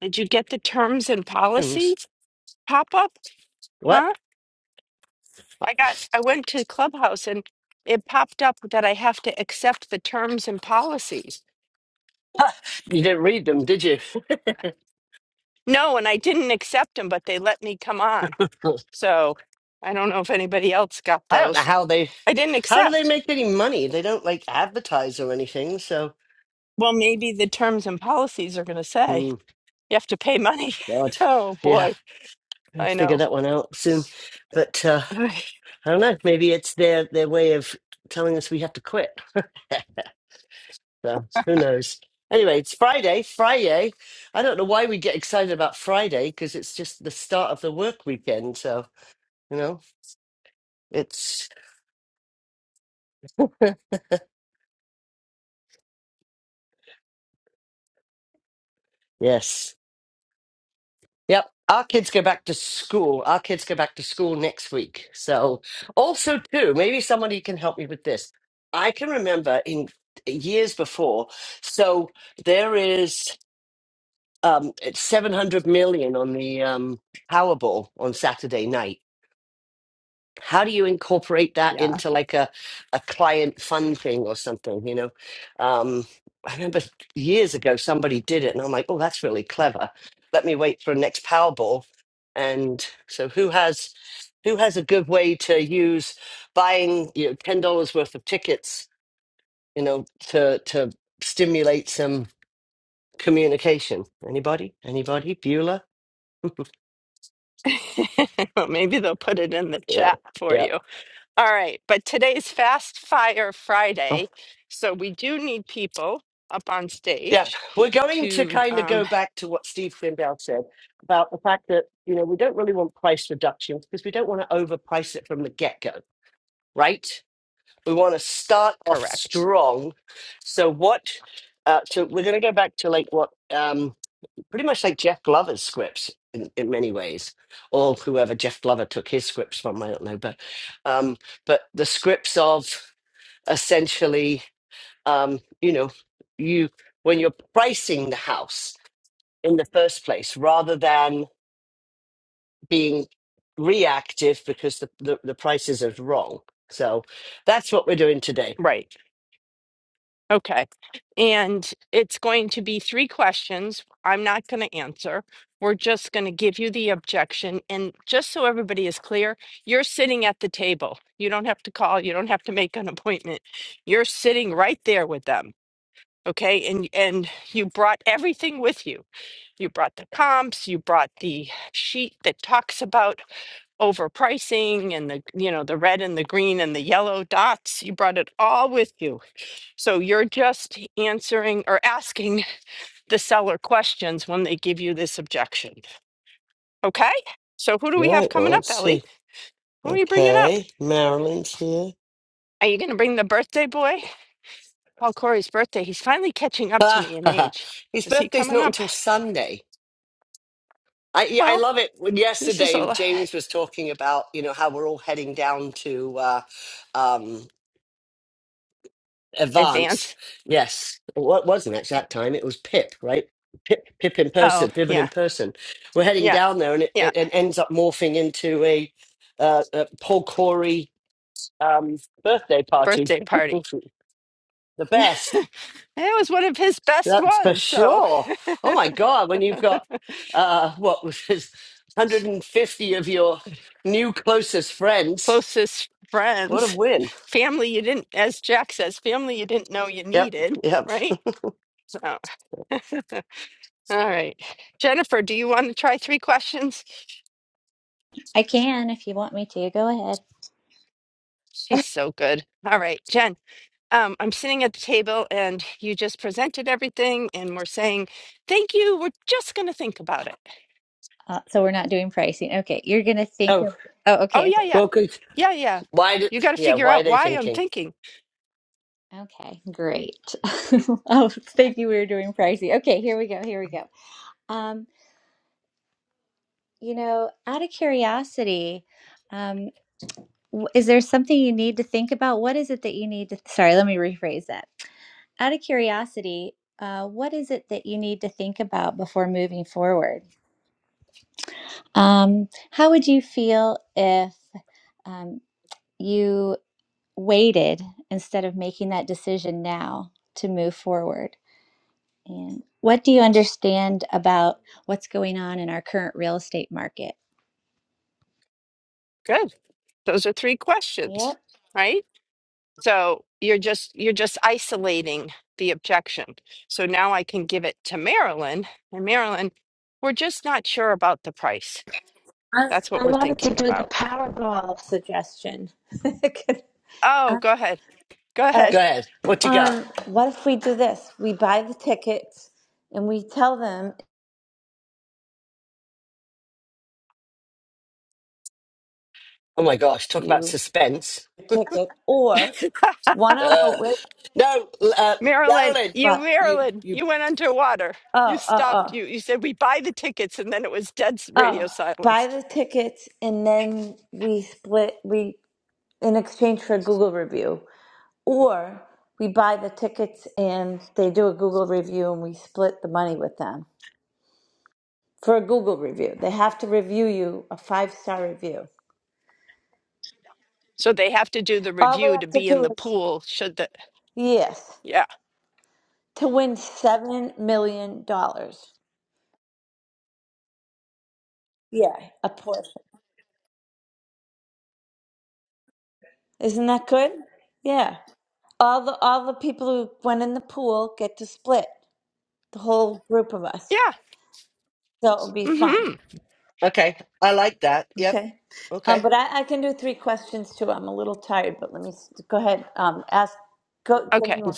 Did you get the terms and policy pop up? What? Huh? I got I went to Clubhouse and it popped up that I have to accept the terms and policies. You didn't read them, did you? No, and I didn't accept them, but they let me come on. So I don't know if anybody else got I don't know those. how they. I didn't How do they accept. make any money? They don't like advertise or anything. So, Well, maybe the terms and policies are going to say Hmm, you have to pay money. God, oh yeah, boy, I'll I figure know. that one out soon. But uh, I don't know. Maybe it's their their way of telling us we have to quit. so who knows? Anyway, it's Friday. Friday. I don't know why we get excited about Friday because it's just the start of the work weekend. So you know, it's yes. Yep. Our kids go back to school. Our kids go back to school next week. So, also, too, maybe somebody can help me with this. I can remember in years before. So, there is um, it's 700 million on the um, Powerball on Saturday night how do you incorporate that yeah. into like a, a client fun thing or something you know um i remember years ago somebody did it and i'm like oh that's really clever let me wait for a next powerball and so who has who has a good way to use buying you know ten dollars worth of tickets you know to to stimulate some communication anybody anybody bueller well, maybe they'll put it in the yeah chat for yeah you. All right, but today's Fast Fire Friday, so we do need people up on Yeah, stage we're going to to kind of um, go back to what Steve Finbell said about the fact that you know we don't really want price reductions because we don't want to overprice it from the get go, right? We want to start off correct. strong. So what? Uh, so we're going to go back to like what, um, pretty much like Jeff Glover's scripts in, in many ways, or whoever Jeff Glover took his scripts from, I don't know, but um, but the scripts of essentially, um, you know, you when you're pricing the house in the first place rather than being reactive because the, the, the prices are wrong. So that's what we're doing today. Right. Okay. And it's going to be three questions. I'm not going to answer. We're just going to give you the objection. And just so everybody is clear, you're sitting at the table. You don't have to call, you don't have to make an appointment. You're sitting right there with them. Okay? And and you brought everything with you You brought the comps, you brought the sheet that talks about overpricing and the, you know, the red and the green and the yellow dots. You brought it all with you. So you're just answering or asking the seller questions when they give you this objection. Okay? So who do we All right, have well, coming up, let's Ellie? see. Who are you bringing up? Okay, Marilyn's here. Are you going to bring the birthday boy? Paul Corey's birthday. He's finally catching up to Ah, me in age. His Is he birthday's coming not up? until Sunday. I, yeah, I Well, love it. When this is a yesterday James was talking about you know how we're all heading down to uh, um, Advance, advance. yes. What wasn't at that time? It was Pip, right? Pip, Pip in Oh, person, Piven in yeah. person. We're heading Yeah. down there, and it, Yeah. it, it ends up morphing into a, uh, a Paul Corey um, birthday party. Birthday party. the best, it was one of his best that's for ones. So sure. Oh my god, when you've got uh, what was his 150 of your new closest friends, closest what a friends, win! family you didn't, as Jack says, family you didn't know you Yep, needed, yep. right? So, all right, Jennifer, do you want to try three questions? I can if you want me to. Go ahead. She's so good. All right, Jen. Um, I'm sitting at the table and you just presented everything and we're saying, thank you. We're just going to think about it. Uh, so we're not doing pricing. Okay, you're gonna think Oh, of. Oh, Oh, okay. yeah, yeah. well, good. Yeah, yeah. Why? Did, You got to yeah, figure why are out they why I'm thinking? thinking. Okay, great. Oh, thank you. We were doing pricing. Okay, here we go. Here we go. Um, you know, out of curiosity, um, w- is there something you need to think about? What is it that you need to? Sorry, let me rephrase that. Out of curiosity, uh, what is it that you need to think about before moving forward? Um, how would you feel if um, you waited instead of making that decision now to move forward? And what do you understand about what's going on in our current real estate market? Good. Those are three Yep. questions, right? So you're just you're just isolating the objection. So now I can give it to Marilyn, and Marilyn, we're just not sure about the price. I, That's what I we're wanted to thinking do the about. Powerball suggestion. All Oh, go ahead. Go right. Go ahead. ahead. What you got? Um, what if we do this? We buy the tickets and we tell them Oh my gosh, if talk about you suspense. ticket or one on the Uh, way. no, uh, Marilyn, Marilyn, you but you, Marilyn, you, you went underwater. You oh oh stopped. oh You you said we buy the tickets and then it was dead s- radio oh silence. buy the tickets and then we split we in exchange for a Google review or we buy the tickets and they do a Google review and we split the money with them. for a Google review. They have to review you a five star review. So they have to do the All they review to have to be in do the is pool should the yes Yeah. to win seven million dollars. Yeah, a portion. Isn't that good? Yeah. All the all the people who went in the pool get to split the whole group of us. Yeah. So it'll be fun. Mhm. okay. I like that. Yep. Okay. Um, Okay. but I, I can do three questions too. I'm a little tired, but let me s- go ahead. Um, ask. Go. Give okay. me one.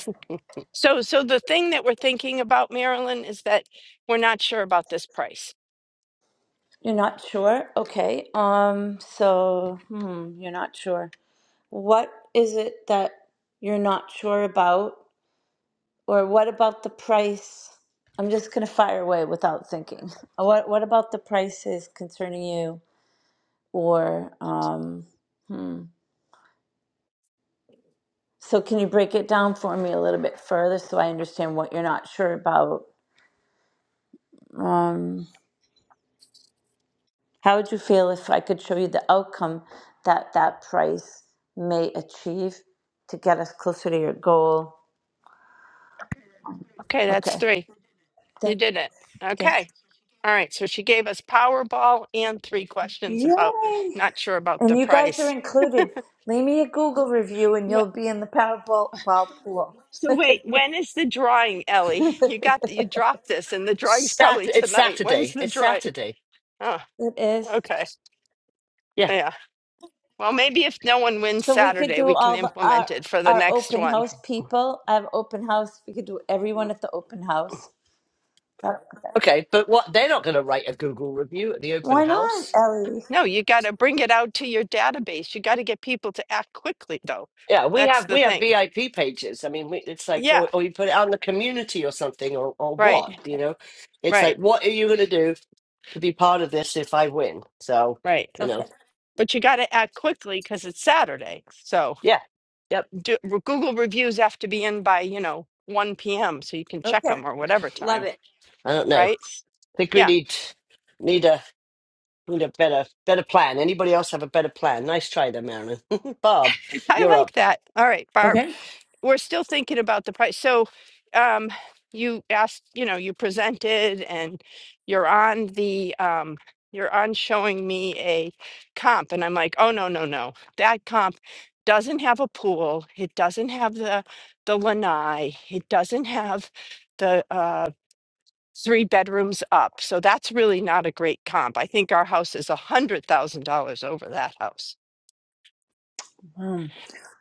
So, so the thing that we're thinking about, Marilyn, is that we're not sure about this price. You're not sure? Okay. Um, so, hmm, you're not sure. What is it that you're not sure about? Or what about the price? I'm just gonna fire away without thinking. What what about the prices concerning you? Or um, so can you break it down for me a little bit further so I understand what you're not sure about? um? How would you feel if I could show you the outcome that that price may achieve to get us closer to your goal? Okay, that's Okay. three. You Thank did it. thank- Okay. All right. So she gave us Powerball and three questions about Yay! not sure about And the you guys are price. included. Leave me a Google review and Wh- you'll be in the Powerball ball pool. So wait, when is the drawing, Ellie? You got the, you dropped this, and the drawing's Sat- probably it's tonight. When's Saturday. the It's drawing? Saturday. Oh, It is. okay. Yeah. Yeah. Well, maybe if no one wins So we could Saturday, do we can all the, our implement it for the our next open one. house people. I have open house. We could do everyone at the open house. That- Okay. But what, they're not going to write a Google review at the open Why not, house. Ellie? No, you got to bring it out to your database. You got to get people to act quickly, though. Yeah. We That's have, the we have thing. VIP pages. I mean, we, it's like, Yeah, or, or you put it out in the community or something or, or right, what, Okay. you know, it's like, right, what are you going to do to be part of this if I win? So, right. you know. Okay. But you got to act quickly because it's Saturday. So Yeah. Yep. do, re- Google reviews have to be in by, you know, 1 p.m. so you can check Okay. them or whatever Love time, it. I don't know. I right? think we Yeah, need need a need a better better plan. Anybody else have a better plan? Nice try there, Marilyn. Bob, I you're up. like that. All right, Barb. Okay. we're still thinking about the price. So, um, you asked, you know, you presented and you're on the, um, you're on showing me a comp. And I'm like, oh, no, no, no. That comp doesn't have a pool. It doesn't have the, the lanai. It doesn't have the, uh, three bedrooms up. So that's really not a great comp. I think our house is a hundred thousand dollars over that house. Um,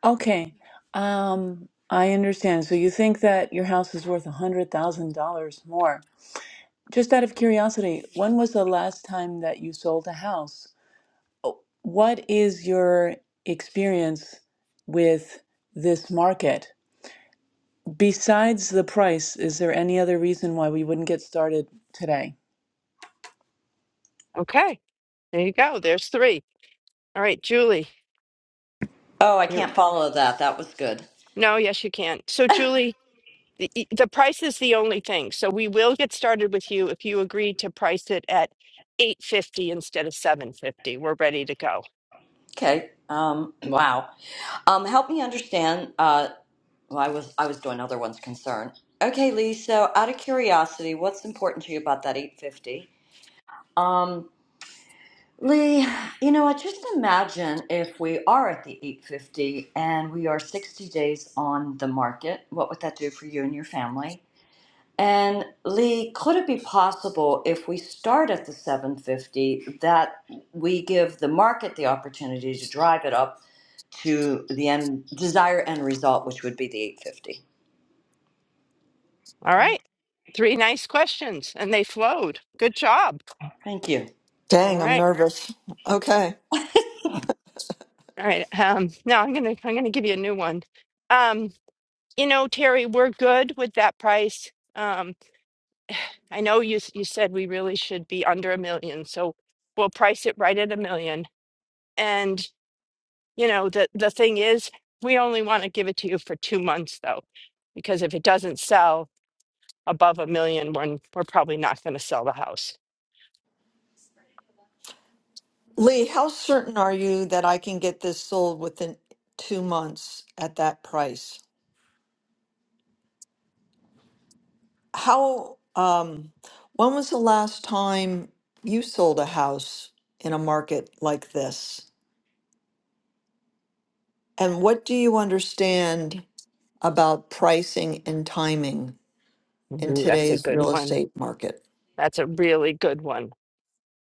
okay. Um, I understand. So you think that your house is worth a hundred thousand dollars more. Just out of curiosity, when was the last time that you sold a house? What is your experience with this market? Besides the price, is there any other reason why we wouldn't get started today? Okay. There you go. There's three. All right, Julie, Oh, I you're. can't follow that. That was good. No, yes, you can. So, Julie, the, e- the price is the only thing. So we will get started with you if you agree to price it at 850 instead of 750. We're ready to go. Okay. Um, wow. Um, help me understand. Uh, well, I was I was doing other ones. Concern. Okay, Lee. So, out of curiosity, what's important to you about that 850? Um, Lee, you know, I just imagine if we are at the 850 and we are 60 days on the market, what would that do for you and your family? And Lee, could it be possible if we start at the 750 that we give the market the opportunity to drive it up to the end desired end result, which would be the 850? All right. Three nice questions and they flowed. Good job. Thank you. All Dang, I'm right. nervous. Okay. All right. Um, now I'm gonna I'm gonna give you a new one. Um, you know, Terry, we're good with that price. Um, I know you s- you said we really should be under a million, so we'll price it right at a million. You know, the, the thing is, we only want to give it to you for two months though, because if it doesn't sell above a million, one, we're probably not going to sell the house. Lee, how certain are you that I can get this sold within two months at that price? How, um, when was the last time you sold a house in a market like this? And what do you understand about pricing and timing in Ooh, that's a today's good real one. estate market? That's a really good one.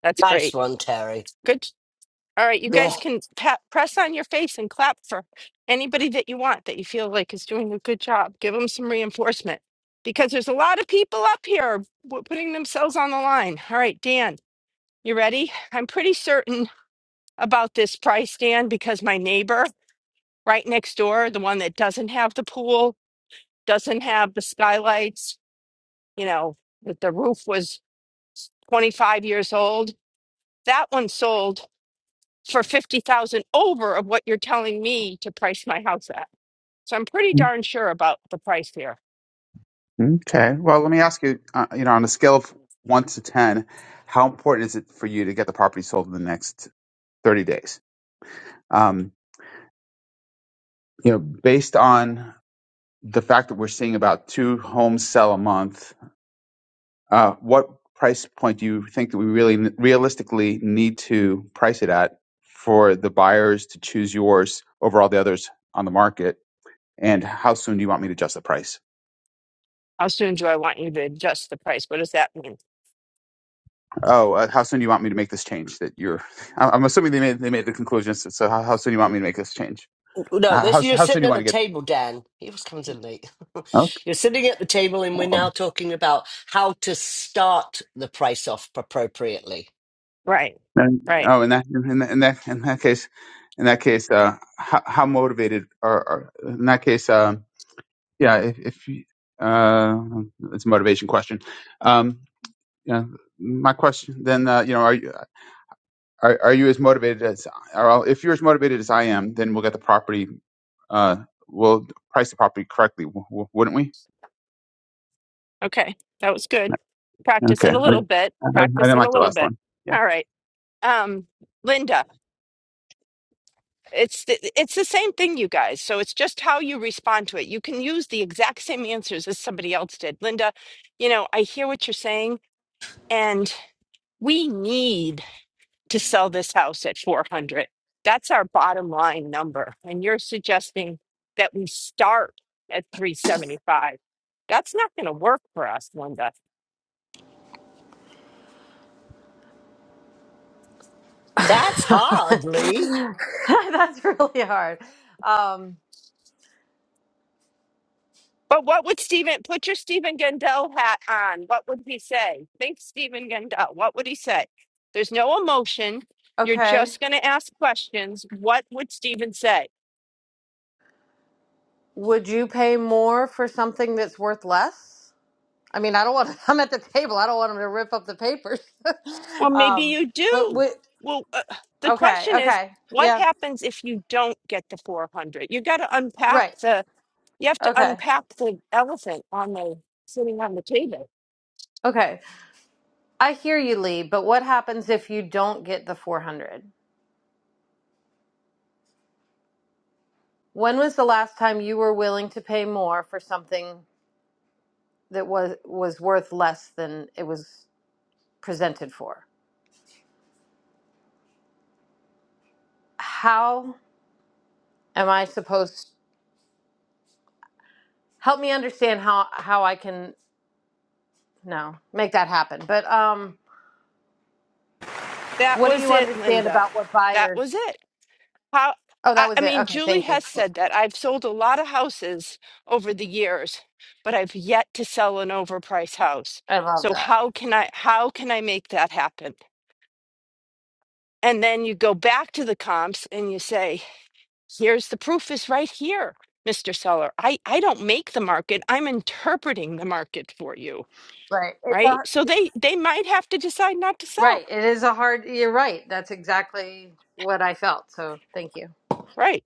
That's Nice great. one, Terry. Good. All right, you guys can pa- press on your face and clap for anybody that you want that you feel like is doing a good job. Give them some reinforcement because there's a lot of people up here w- putting themselves on the line. All right, Dan, you ready? I'm pretty certain about this price, Dan, because my neighbor right next door, the one that doesn't have the pool, doesn't have the skylights, you know, that the roof was 25 years old, that one sold for 50,000 over of what you're telling me to price my house at. So I'm pretty Mm, darn sure about the price here. Okay. Well, let me ask you, uh, you know, on a scale of one to 10, how important is it for you to get the property sold in the next 30 days? Um, you know, based on the fact that we're seeing about two homes sell a month, uh, what price point do you think that we really n- realistically need to price it at for the buyers to choose yours over all the others on the market? And how soon do you want me to adjust the price? How soon do I want you to adjust the price? What does that mean? Oh, uh, how soon do you want me to make this change? That you're, I- I'm assuming they made they made the conclusion. So, so how, how soon do you want me to make this change? No, How this how you're how soon do sitting you at want the to get? table, Dan. He always comes in late. Oh, you're sitting at the table and we're now talking about how to start the price off appropriately. Right. then- Right. oh, in that in that in that in that case, in that case, uh, how, how motivated are, are in that case? Um, yeah, if, if you- uh, it's a motivation question. Um, yeah, my question then, uh, you know, are you are, are you as motivated as are all, if you're as motivated as I am, then we'll get the property. Uh, we'll price the property correctly, w- w- wouldn't we? Okay. That was good. Practice Okay. it a I, little bit. I, I Practice didn't it like a the little last bit. one. Yeah. All right. Um, Linda. It's the, it's the same thing, you guys. So it's just how you respond to it. You can use the exact same answers as somebody else did. Linda, you know, I hear what you're saying, and we need to sell this house at 400. That's our bottom line number. And you're suggesting that we start at 375. That's not going to work for us, Linda. That's That's hard, Lee. really hard. Um, But what would Stephen put your Stephen Gendel hat on? What would he say? Think Stephen Gendel. What would he say? There's no emotion. You're okay. just going to ask questions. What would Stephen say? Would you pay more for something that's worth less? I mean, I don't want. I'm at the table. I don't want them to rip up the papers. Well, maybe um, you but do. would Well, uh, the okay, question is, okay, what yeah, happens if you don't get the 400? You got to unpack right, the. You have to okay, unpack the elephant on the sitting on the table. okay. I hear you, Lee. But what happens if you don't get the 400? When was the last time you were willing to pay more for something that was was worth less than it was presented for? how am I supposed help me understand how how I can no make that happen. But um That what do was you it, understand Linda. about what That was buyers it. How, Oh, I, that was I it. mean, Okay, Julie thank you. has said that I've sold a lot of houses over the years, but I've yet to sell an overpriced house. I love So that. how can I how can I make that happen? And then you go back to the comps and you say, here's the proof is right here, Mr. Seller. I, I don't make the market. I'm interpreting the market for you. Right. It's Right. a So it's, they they might have to decide not to sell. right. It is a hard you're right. That's exactly what I felt. So, thank you. Right.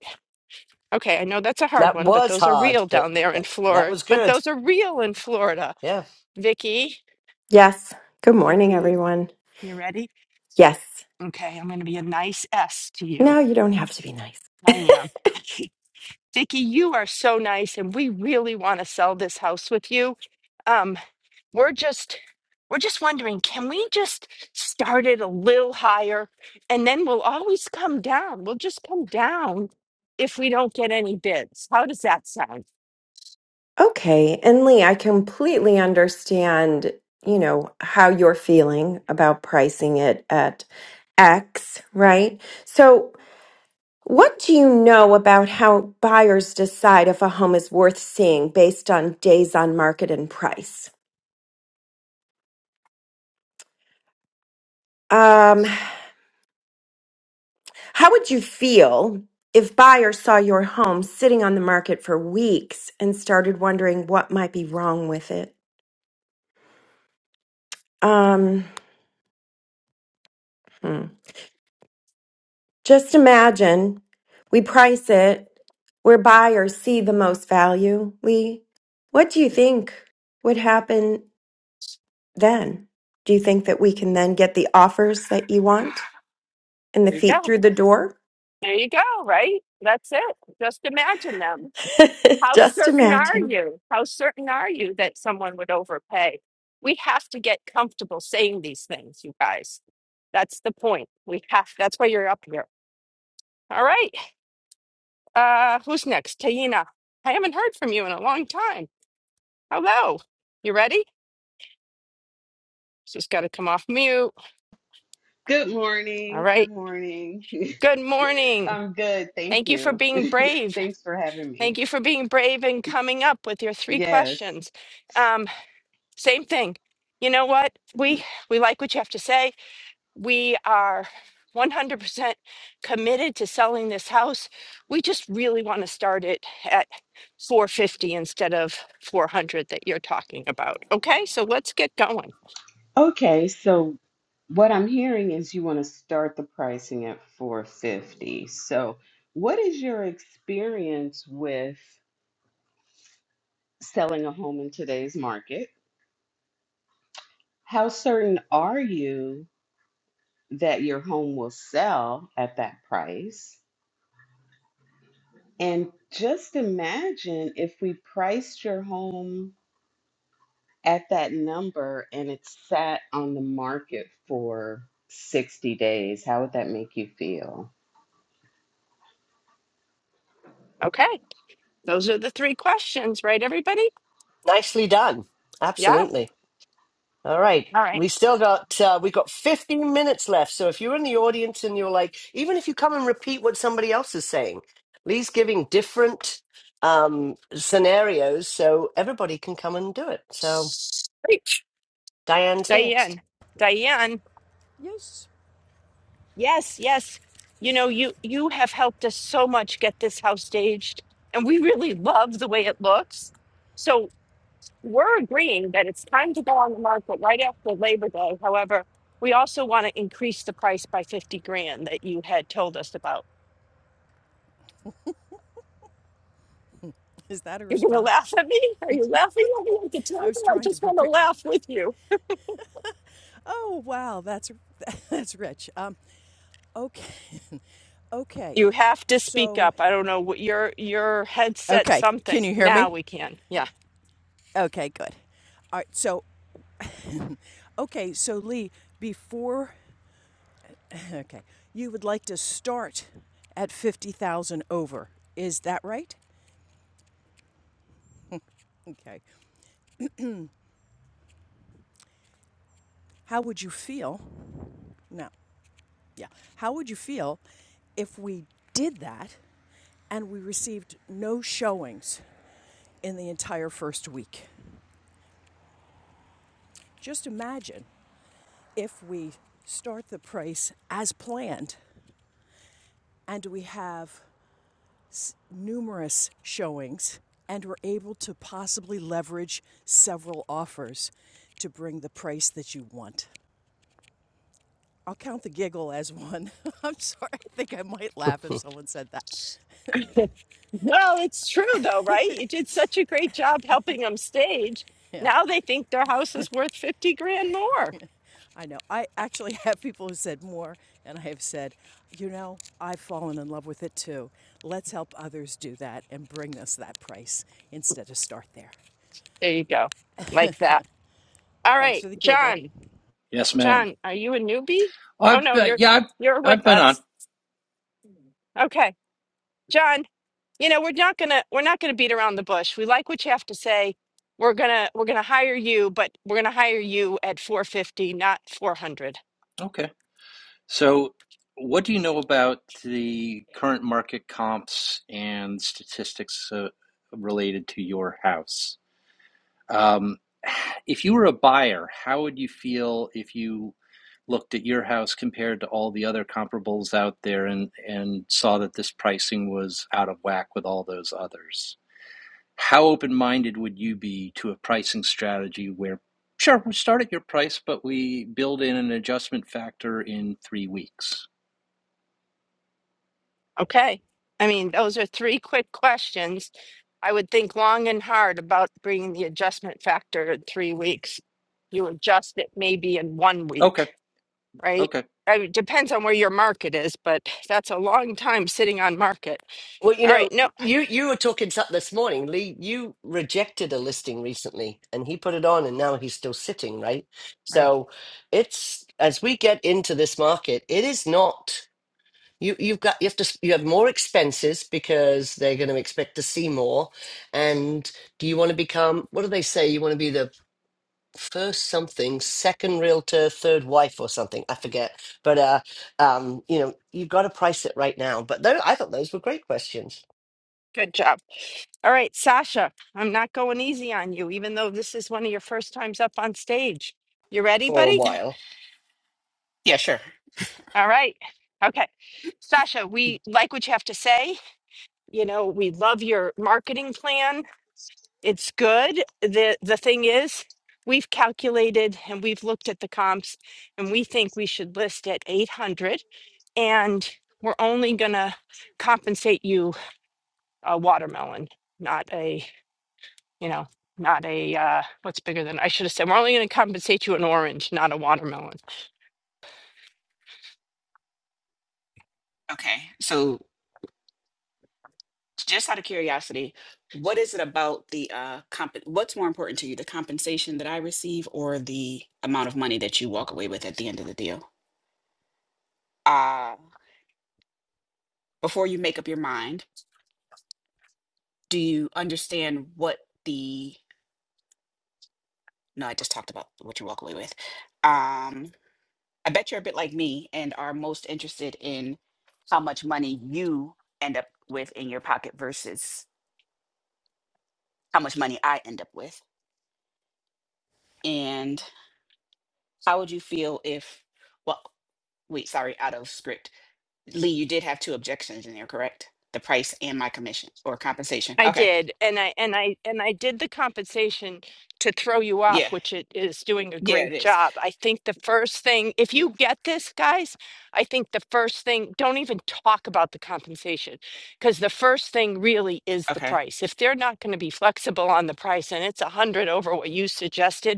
Okay. I know that's a hard That one, but was those are hard, real but down there that, in that Florida. was But good. those are real in Florida Yeah. Vicky, Yes. Good morning, Vicky, everyone. you ready? Yes. Okay, I'm going to be a nice S to No, you. you don't have to be nice. I am. Vicky, you are so nice, and we really want to sell this house with you. Um, we're just we're just wondering, can we just start it a little higher, and then we'll always come down. We'll just come down if we don't get any bids. How does that sound? Okay. And Lee, I completely understand, you know, how you're feeling about pricing it at X, right? So, what do you know about how buyers decide if a home is worth seeing based on days on market and price? Um, how would you feel if buyers saw your home sitting on the market for weeks and started wondering what might be wrong with it? Um, hmm. Just imagine we price it where buyers see the most value, Lee. What do you think would happen then? Do you think that we can then get the offers that you want and the There you feet go. through the door? There you go. Right? That's it. Just imagine them. How Just certain are imagine. you? How certain are you that someone would overpay? We have to get comfortable saying these things, you guys. That's the point. We have. That's why you're up here. All right. Uh, who's next? Taina. I haven't heard from you in a long time. Hello. You ready? Just got to come off mute. Good All morning. Good right. morning. Good morning. I'm good. Thank Thank you for you. being brave. Thanks for having me. Thank you for being brave and coming up with your three Yes. questions. Um, same thing. You know what? We we like what you have to say We are 100% committed to selling this house. We just really want to start it at 450 instead of 400 that you're talking about. Okay, so let's get going. Okay, so what I'm hearing is you want to start the pricing at 450. So, what is your experience with selling a home in today's market? How certain are you that your home will sell at that price? And just imagine if we priced your home at that number and it sat on the market for 60 days, how would that make you feel? Okay, those are the three questions, right, everybody? Nicely done. Yeah. Absolutely. All right. All right. We still got uh, we got 15 minutes left. So if you're in the audience and you're like, even if you come and repeat what somebody else is saying, Lee's giving different um, scenarios so everybody can come and do it. So Great. Diane's next. Diane. Diane. Yes. Yes, yes. You know, you you have helped us so much get this house staged, and we really love the way it looks. So we're agreeing that it's time to go on the market right after Labor Day. However, we also want to increase the price by 50 grand that you had told us about. Is that a You're going to response? laugh at me? Are you laughing at me like a I was tantrum? I trying to just want to prepare. laugh with you. Oh wow, that's that's rich. Um, okay, okay. You have to speak So up. I don't know what your your headset okay, something. can you hear Now me? we can. Yeah. Okay, good. All right. So okay, so Lee, before okay, you would like to start at fifty thousand over. Is that right? Okay. How would you feel? No. Yeah. How would you feel if we did that and we received no showings? in the entire first week. Just imagine if we start the price as planned and we have numerous showings and we're able to possibly leverage several offers to bring the price that you want. I'll count the giggle as one. I'm sorry, I think I might laugh if someone said that. Well, it's true though, right? You did such a great job helping them stage. Yeah. Now they think their house is worth 50 grand more. I know. I actually have people who said more, and I have said, you know, I've fallen in love with it too. Let's help others do that and bring us that price instead of start there. There you go. Like that. All Thanks right, for the giggle. John. Yes, ma'am. John, are you a newbie? Oh I've no, uh, you're yeah, I've, you're with I've been on. us. Okay. John, you know, we're not gonna we're not gonna beat around the bush. We like what you have to say. We're gonna we're gonna hire you, but we're gonna hire you at four fifty, not four hundred. Okay. So, what do you know about the current market comps and statistics uh, related to your house? Um, if you were a buyer, how would you feel if you looked at your house compared to all the other comparables out there and and saw that this pricing was out of whack with all those others? how open-minded would you be to a pricing strategy where sure we start at your price but we build in an adjustment factor in three weeks Okay. I mean, those are three quick questions. I would think long and hard about bringing the adjustment factor in three weeks. You adjust it maybe in one okay week, right? okay I mean, it depends on where your market is, but that's a long time sitting on market. Well, you All right. know, No, you you were talking something this morning, Lee. You rejected a listing recently, and he put it on, and now he's still sitting, right? Right. So it's as we get into this market, it is not. You you've got you have to you have more expenses because they're going to expect to see more. And do you want to become what do they say? You want to be the first something, second realtor, third wife or something. I forget. But uh um you know, you've got to price it right now. But though I thought those were great questions good job. All right, Sasha, I'm not going easy on you, even though this is one of your first times up on stage. You ready, for a buddy? while. Yeah, sure. All right. Okay. Sasha, Mm. we like what you have to say. You know, we love your marketing plan. It's good. The the thing is, we've calculated and we've looked at the comps and we think we should list at 800 and we're only going to compensate you a watermelon, not a you know, not a uh what's bigger than I should have said we're only going to compensate you an orange, not a watermelon. Okay. So just out of curiosity, what is it about the uh comp what's more important to you, the compensation that I receive or the amount of money that you walk away with at the end of the deal? Uh before you make up your mind, do you understand what the no, I just talked about what you walk away with. Um, I bet you're a bit like me and are most interested in how much money you end up with in your pocket versus how much money I end up with. And How would you feel if, well, wait, sorry, out of script. Lee, you did have two objections in there, correct? The price and my commission or compensation. I Okay. did and I and I and I did the compensation to throw you Yeah. off, which it is doing a Yeah, it great is. job. I think the first thing if you get this guys, I think the first thing don't even talk about the compensation because the first thing really is the Okay. price. If they're not going to be flexible on the price and it's a 100 over what you suggested,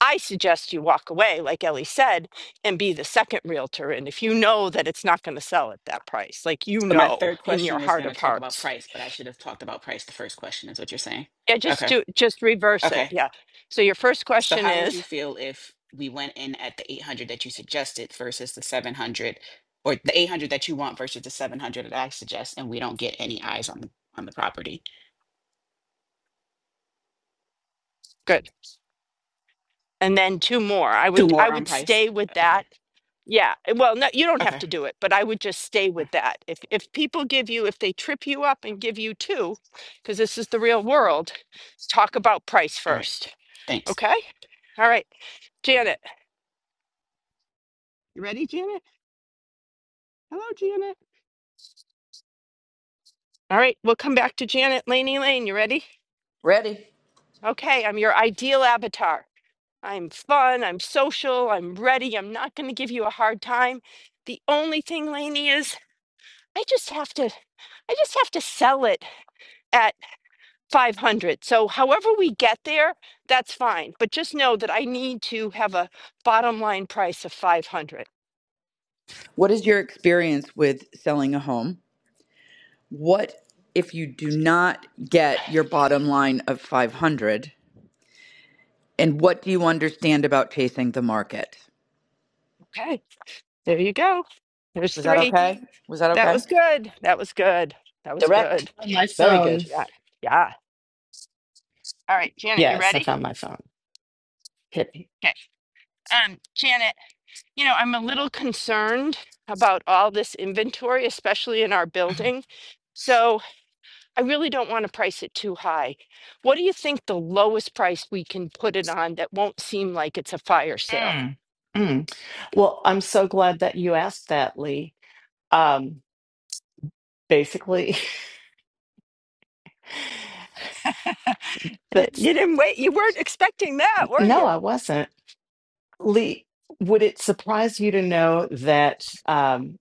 I suggest you walk away, like Ellie said, and be the second realtor. And if you know that it's not going to sell at that price, like you So my know third in your question was heart going to of talk about hearts, price, but I should have talked about price the first question, is what you're saying. yeah, just Okay. do just reverse it. Okay. Yeah. So your first So question how would you is feel if we went in at the 800 that you suggested versus the 700 or the 800 that you want versus the 700 that I suggest and we don't get any eyes on the on the property? good, and then two more. I Two would more I on would price. stay with Okay. that. Yeah. Well, no, you don't Okay. have to do it, but I would just stay All right. with that. If if people give you if they trip you up and give you two, because this is the real world, talk about price All right, first. thanks. Okay. All right, Janet. You ready, Janet? Hello, Janet. All right, we'll come back to Janet. Laney Lane, you ready? Ready? Okay, I'm your ideal avatar. I'm fun, I'm social, I'm ready, I'm not going to give you a hard time. The only thing, Laney, is I just have to I just have to sell it at 500. So however we get there, that's fine. But just know that I need to have a bottom line price of 500. What is your experience with selling a home? What if you do not get your bottom line of 500? And what do you understand about chasing the market? Okay. There you go. There's Was that 3. okay? Was that That okay? was good. That was good. That was Direct. good. On my Very good. phone. Yeah. Yeah. All right, Janet, you Yes, I ready? found my phone. Hit me. Okay. Um, Janet, you know, I'm a little concerned about all this inventory, especially in our building. So I really don't want to price it too high. What do you think the lowest price we can put it on that won't seem like it's a fire sale? Mm, mm. Well, I'm so glad that you asked that, Lee. Um, basically, Uh, but You didn't wait. You weren't expecting that, were no, you? I wasn't. Lee, would it surprise you to know that um,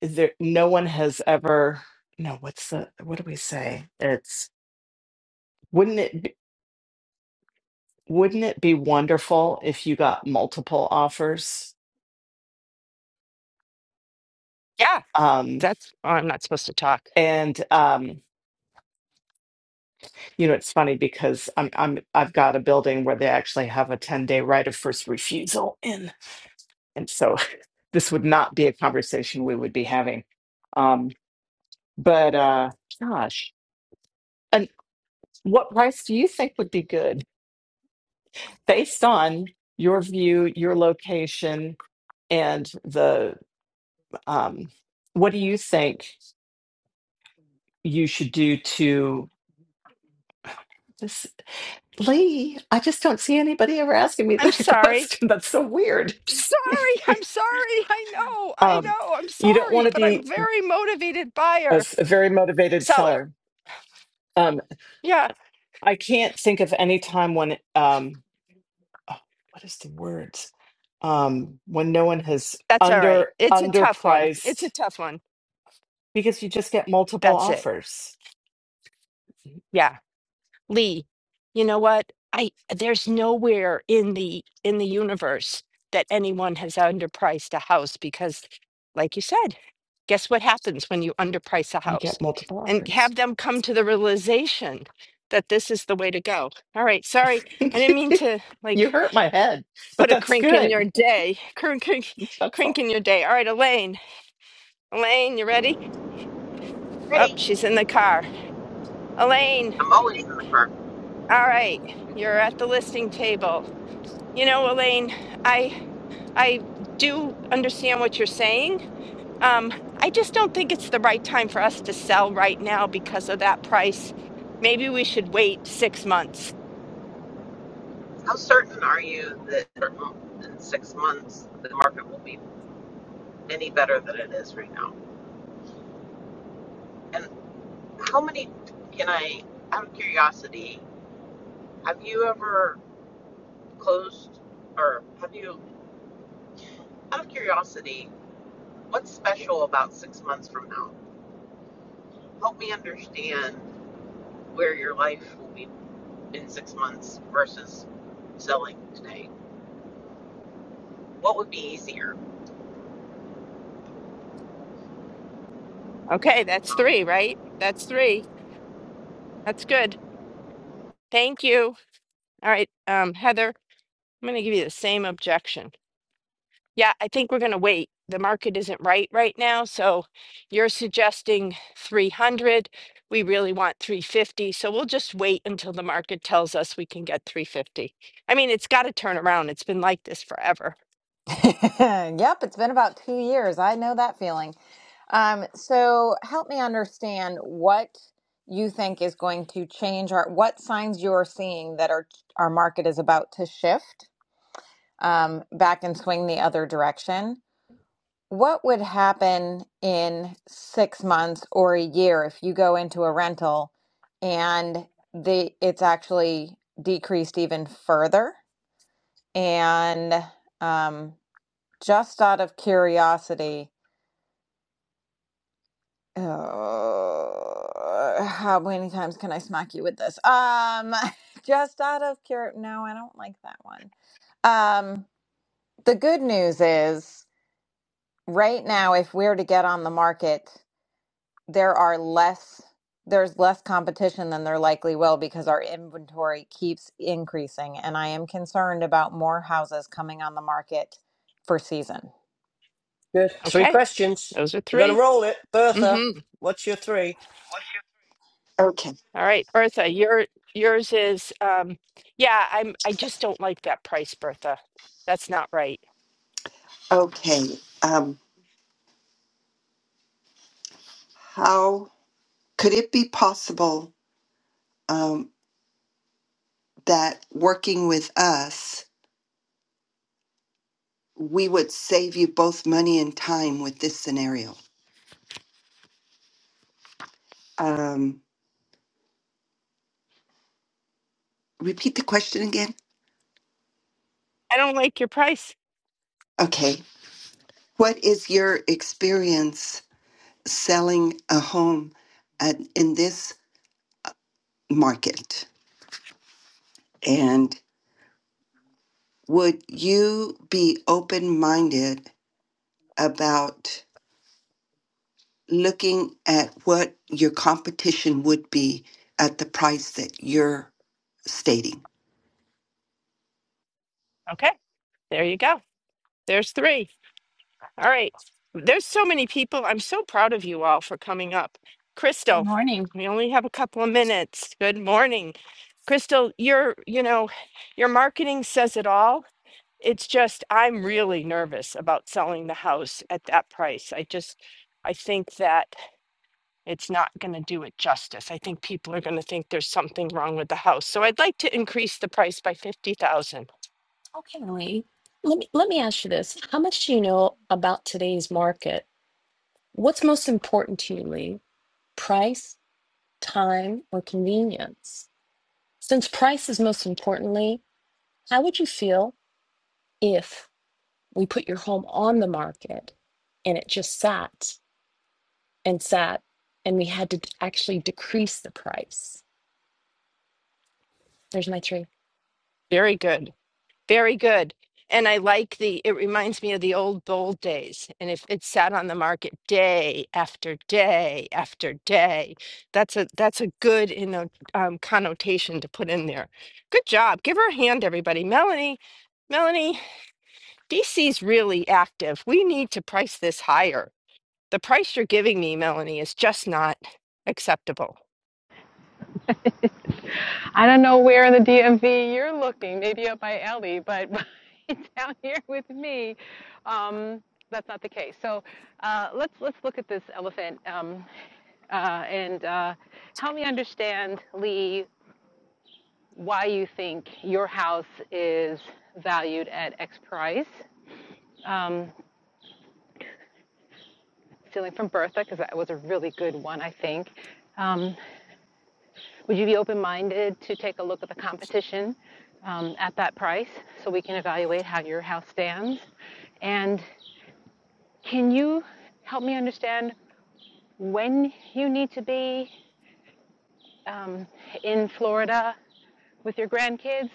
there no one has ever no, what's the what do we say? It's wouldn't it be, wouldn't it be wonderful if you got multiple offers? Yeah, Um, that's, oh, I'm not supposed to talk. and um, You know, it's funny because I'm I'm I've got a building where they actually have a 10-day right of first refusal in. And so this would not be a conversation we would be having. Um, but uh gosh. And what price do you think would be good based on your view, your location, and the um what do you think you should do to this Lee? I just don't see anybody ever asking me I'm that sorry. question. That's so weird. Sorry, I'm sorry. I know, I Um, know, I'm you don't want sorry, to but I'm be very motivated a, buyer, s- a very motivated seller. seller. Um, Yeah. I can't think of any time when, um, oh, what is the word, Um, when no one has That's all right. under It's a tough one. It's a underpriced tough one. because you just get multiple That's it. offers. Yeah. Lee, you know what? I there's nowhere in the in the universe that anyone has underpriced a house because like you said, guess what happens when you underprice a You house? get multiple And offers. have them come to the realization that this is the way to go. All right, sorry. I didn't mean to you like hurt my head, but put a that's crink in good. your day. Crink crink That's all. crink in your day. All right, Elaine. Elaine, you ready? Oh, Ready? she's in the car. Elaine, I'm always in the market. all right, you're at the listing table. You know, Elaine, I I do understand what you're saying. Um, I just don't think it's the right time for us to sell right now because of that price. Maybe we should wait six months. How certain are you that in six months the market will be any better than it is right now? And how many can I, out of curiosity, have you ever closed or have you, out of curiosity, what's special about six months from now? Help me understand where your life will be in six months versus selling today. What would be easier? Okay, that's three, right? That's three. That's good. Thank you. All right, um, Heather, I'm going to give you the same objection. Yeah, I think we're going to wait. The market isn't right right now. So you're suggesting 300. We really want 350. So we'll just wait until the market tells us we can get 350. I mean, it's got to turn around. It's been like this forever. yep, it's been about two years. I know that feeling. Um, so help me understand what you think is going to change or what signs you're seeing that our our market is about to shift um, back and swing the other direction. What would happen in six months or a year if you go into a rental and the it's actually decreased even further? And um, just out of curiosity, Uh, how many times can I smack you with this? Um, just out of pure. No, I don't like that one. Um, the good news is right now, if we're to get on the market, there are less. There's less competition than there likely will because our inventory keeps increasing, and I am concerned about more houses coming on the market for season. Good. Three Okay, questions. those are We're going to three. roll it. Bertha, Mm-hmm. what's your three? Okay. All right, Bertha, your yours is um yeah, I'm I just don't like that price, Bertha. That's not right. Okay. Um, how could it be possible um, that working with us, we would save you both money and time with this scenario? Um, repeat the question again. I don't like your price. Okay. What is your experience selling a home at, in this market? And would you be open minded about? looking at what your competition would be at the price that you're stating. Okay, there you go. There's three. All right. There's so many people. I'm so proud of you all for coming up. Good Crystal, morning. we only have a couple of minutes. Good morning. Crystal, your, you know, your marketing says it all. It's just I'm really nervous about selling the house at that price. I just I think that it's not going to do it justice. I think people are going to think there's something wrong with the house. So I'd like to increase the price by 50,000. Okay, Lee. Let me let me ask you this. How much do you know about today's market? What's most important to you, Lee? Price, time, or convenience? Since price is most importantly, how would you feel if we put your home on the market and it just sat and sat and we had to actually decrease the price? There's my three. Very good. Very good. And I like the, it reminds me of the old bold days. And if it sat on the market day after day after day, that's a that's a good, you know, um, connotation to put in there. Good job. Give her a hand, everybody. Melanie, Melanie, DC's really active. We need to price this higher. The price you're giving me, Melanie, is just not acceptable. I don't know where in the DMV you're looking, maybe up by Ellie, but down here with me, um, that's not the case. So uh, let's let's look at this elephant um, uh, and uh, help me understand, Lee, why you think your house is valued at X price. Um, stealing from Bertha because that was a really good one, I think. Um, Would you be open-minded to take a look at the competition um, at that price so we can evaluate how your house stands? And can you help me understand when you need to be um, in Florida with your grandkids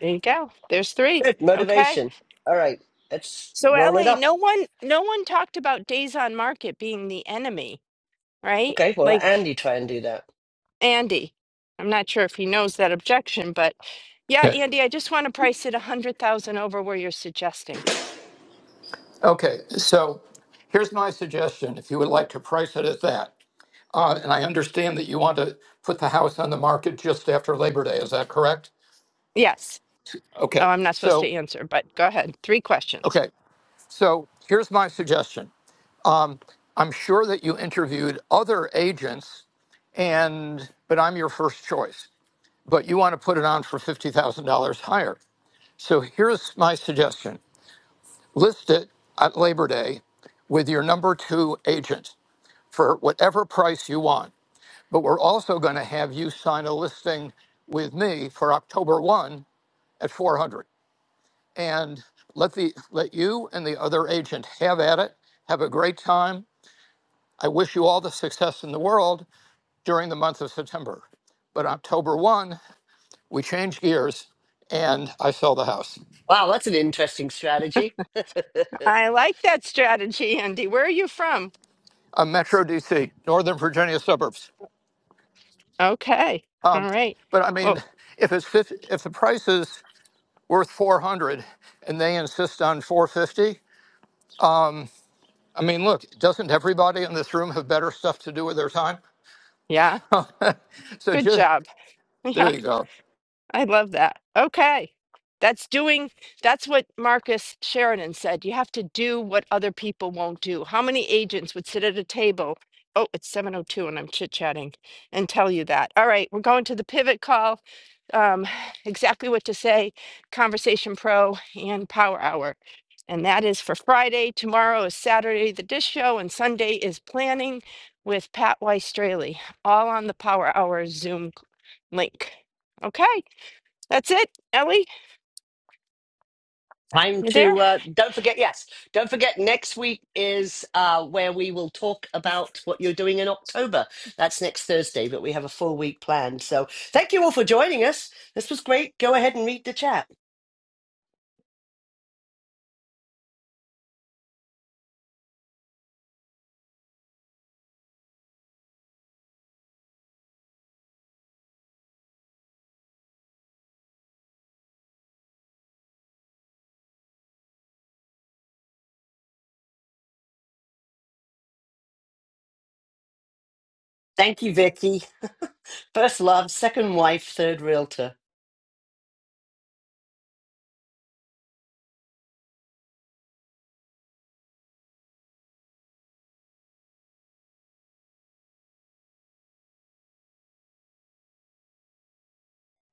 There you go. There's three. Good. Okay. Motivation. All right. Let's So roll it Ellie, up. no one no one talked about days on market being the enemy, right? Okay, well, let Like Andy try and do that. Andy. I'm not sure if he knows that objection, but yeah, Okay. Andy, I just want to price it a hundred thousand over where you're suggesting. Okay. So here's my suggestion if you would like to price it at that. Uh, and I understand that you want to put the house on the market just after Labor Day. Is that correct? Yes. Oh, Okay. I'm not supposed So, to answer, but go ahead. Three questions. okay. So here's my suggestion. I'm sure that you interviewed other agents and but I'm your first choice. But you want to put it on for $50,000 higher. So here's my suggestion. List it at Labor Day with your number two agent for whatever price you want. But we're also going to have you sign a listing with me for October 1 at 400. And let the let you and the other agent have at it. Have a great time. I wish you all the success in the world during the month of September. But October 1, we changed gears and I sell the house. Wow, that's an interesting strategy. I like that strategy, Andy. Where are you from? i Metro DC, Northern Virginia suburbs. Okay. Um, All right. but I Well, mean, if it's 50, if the price is worth 400 and they insist on 450, I mean, look, doesn't everybody in this room have better stuff to do with their time? yeah. so Good just job. there you go. I love that. Okay. That's doing, that's what Marcus Sheridan said. You have to do what other people won't do. How many agents would sit at a table? Oh, it's 7:02 and I'm chit-chatting and tell you that. All right, we're going to the pivot call. Um, exactly what to say, Conversation Pro and Power Hour. And that is for Friday. Tomorrow is Saturday, the Dish Show, and Sunday is planning with Pat Weiss Straley, all on the Power Hour Zoom link. Okay. That's it, Ellie. Time You there? to uh, don't forget. Yes, don't forget. Next week is uh, where we will talk about what you're doing in October. That's next Thursday, but we have a full week planned. So thank you all for joining us. This was great. Go ahead and read the chat. Thank you, Vicky. First love, second wife, third realtor.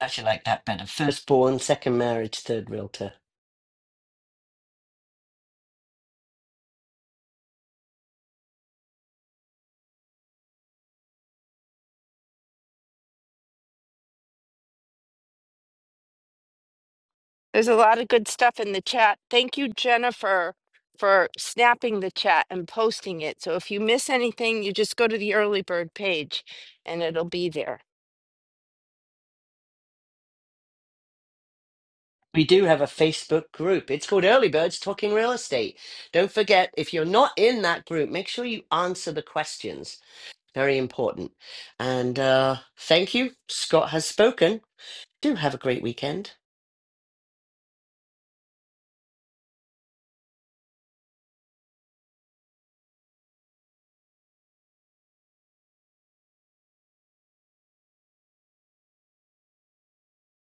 Actually, I like that better. Firstborn, second marriage, third realtor. There's a lot of good stuff in the chat. Thank you, Jennifer, for snapping the chat and posting it. So if you miss anything, you just go to the early bird page and it'll be there. We do have a Facebook group. It's called Early Birds Talking Real Estate. Don't forget, if you're not in that group, make sure you answer the questions. Very important. And uh, thank you. Scott has spoken. Do have a great weekend.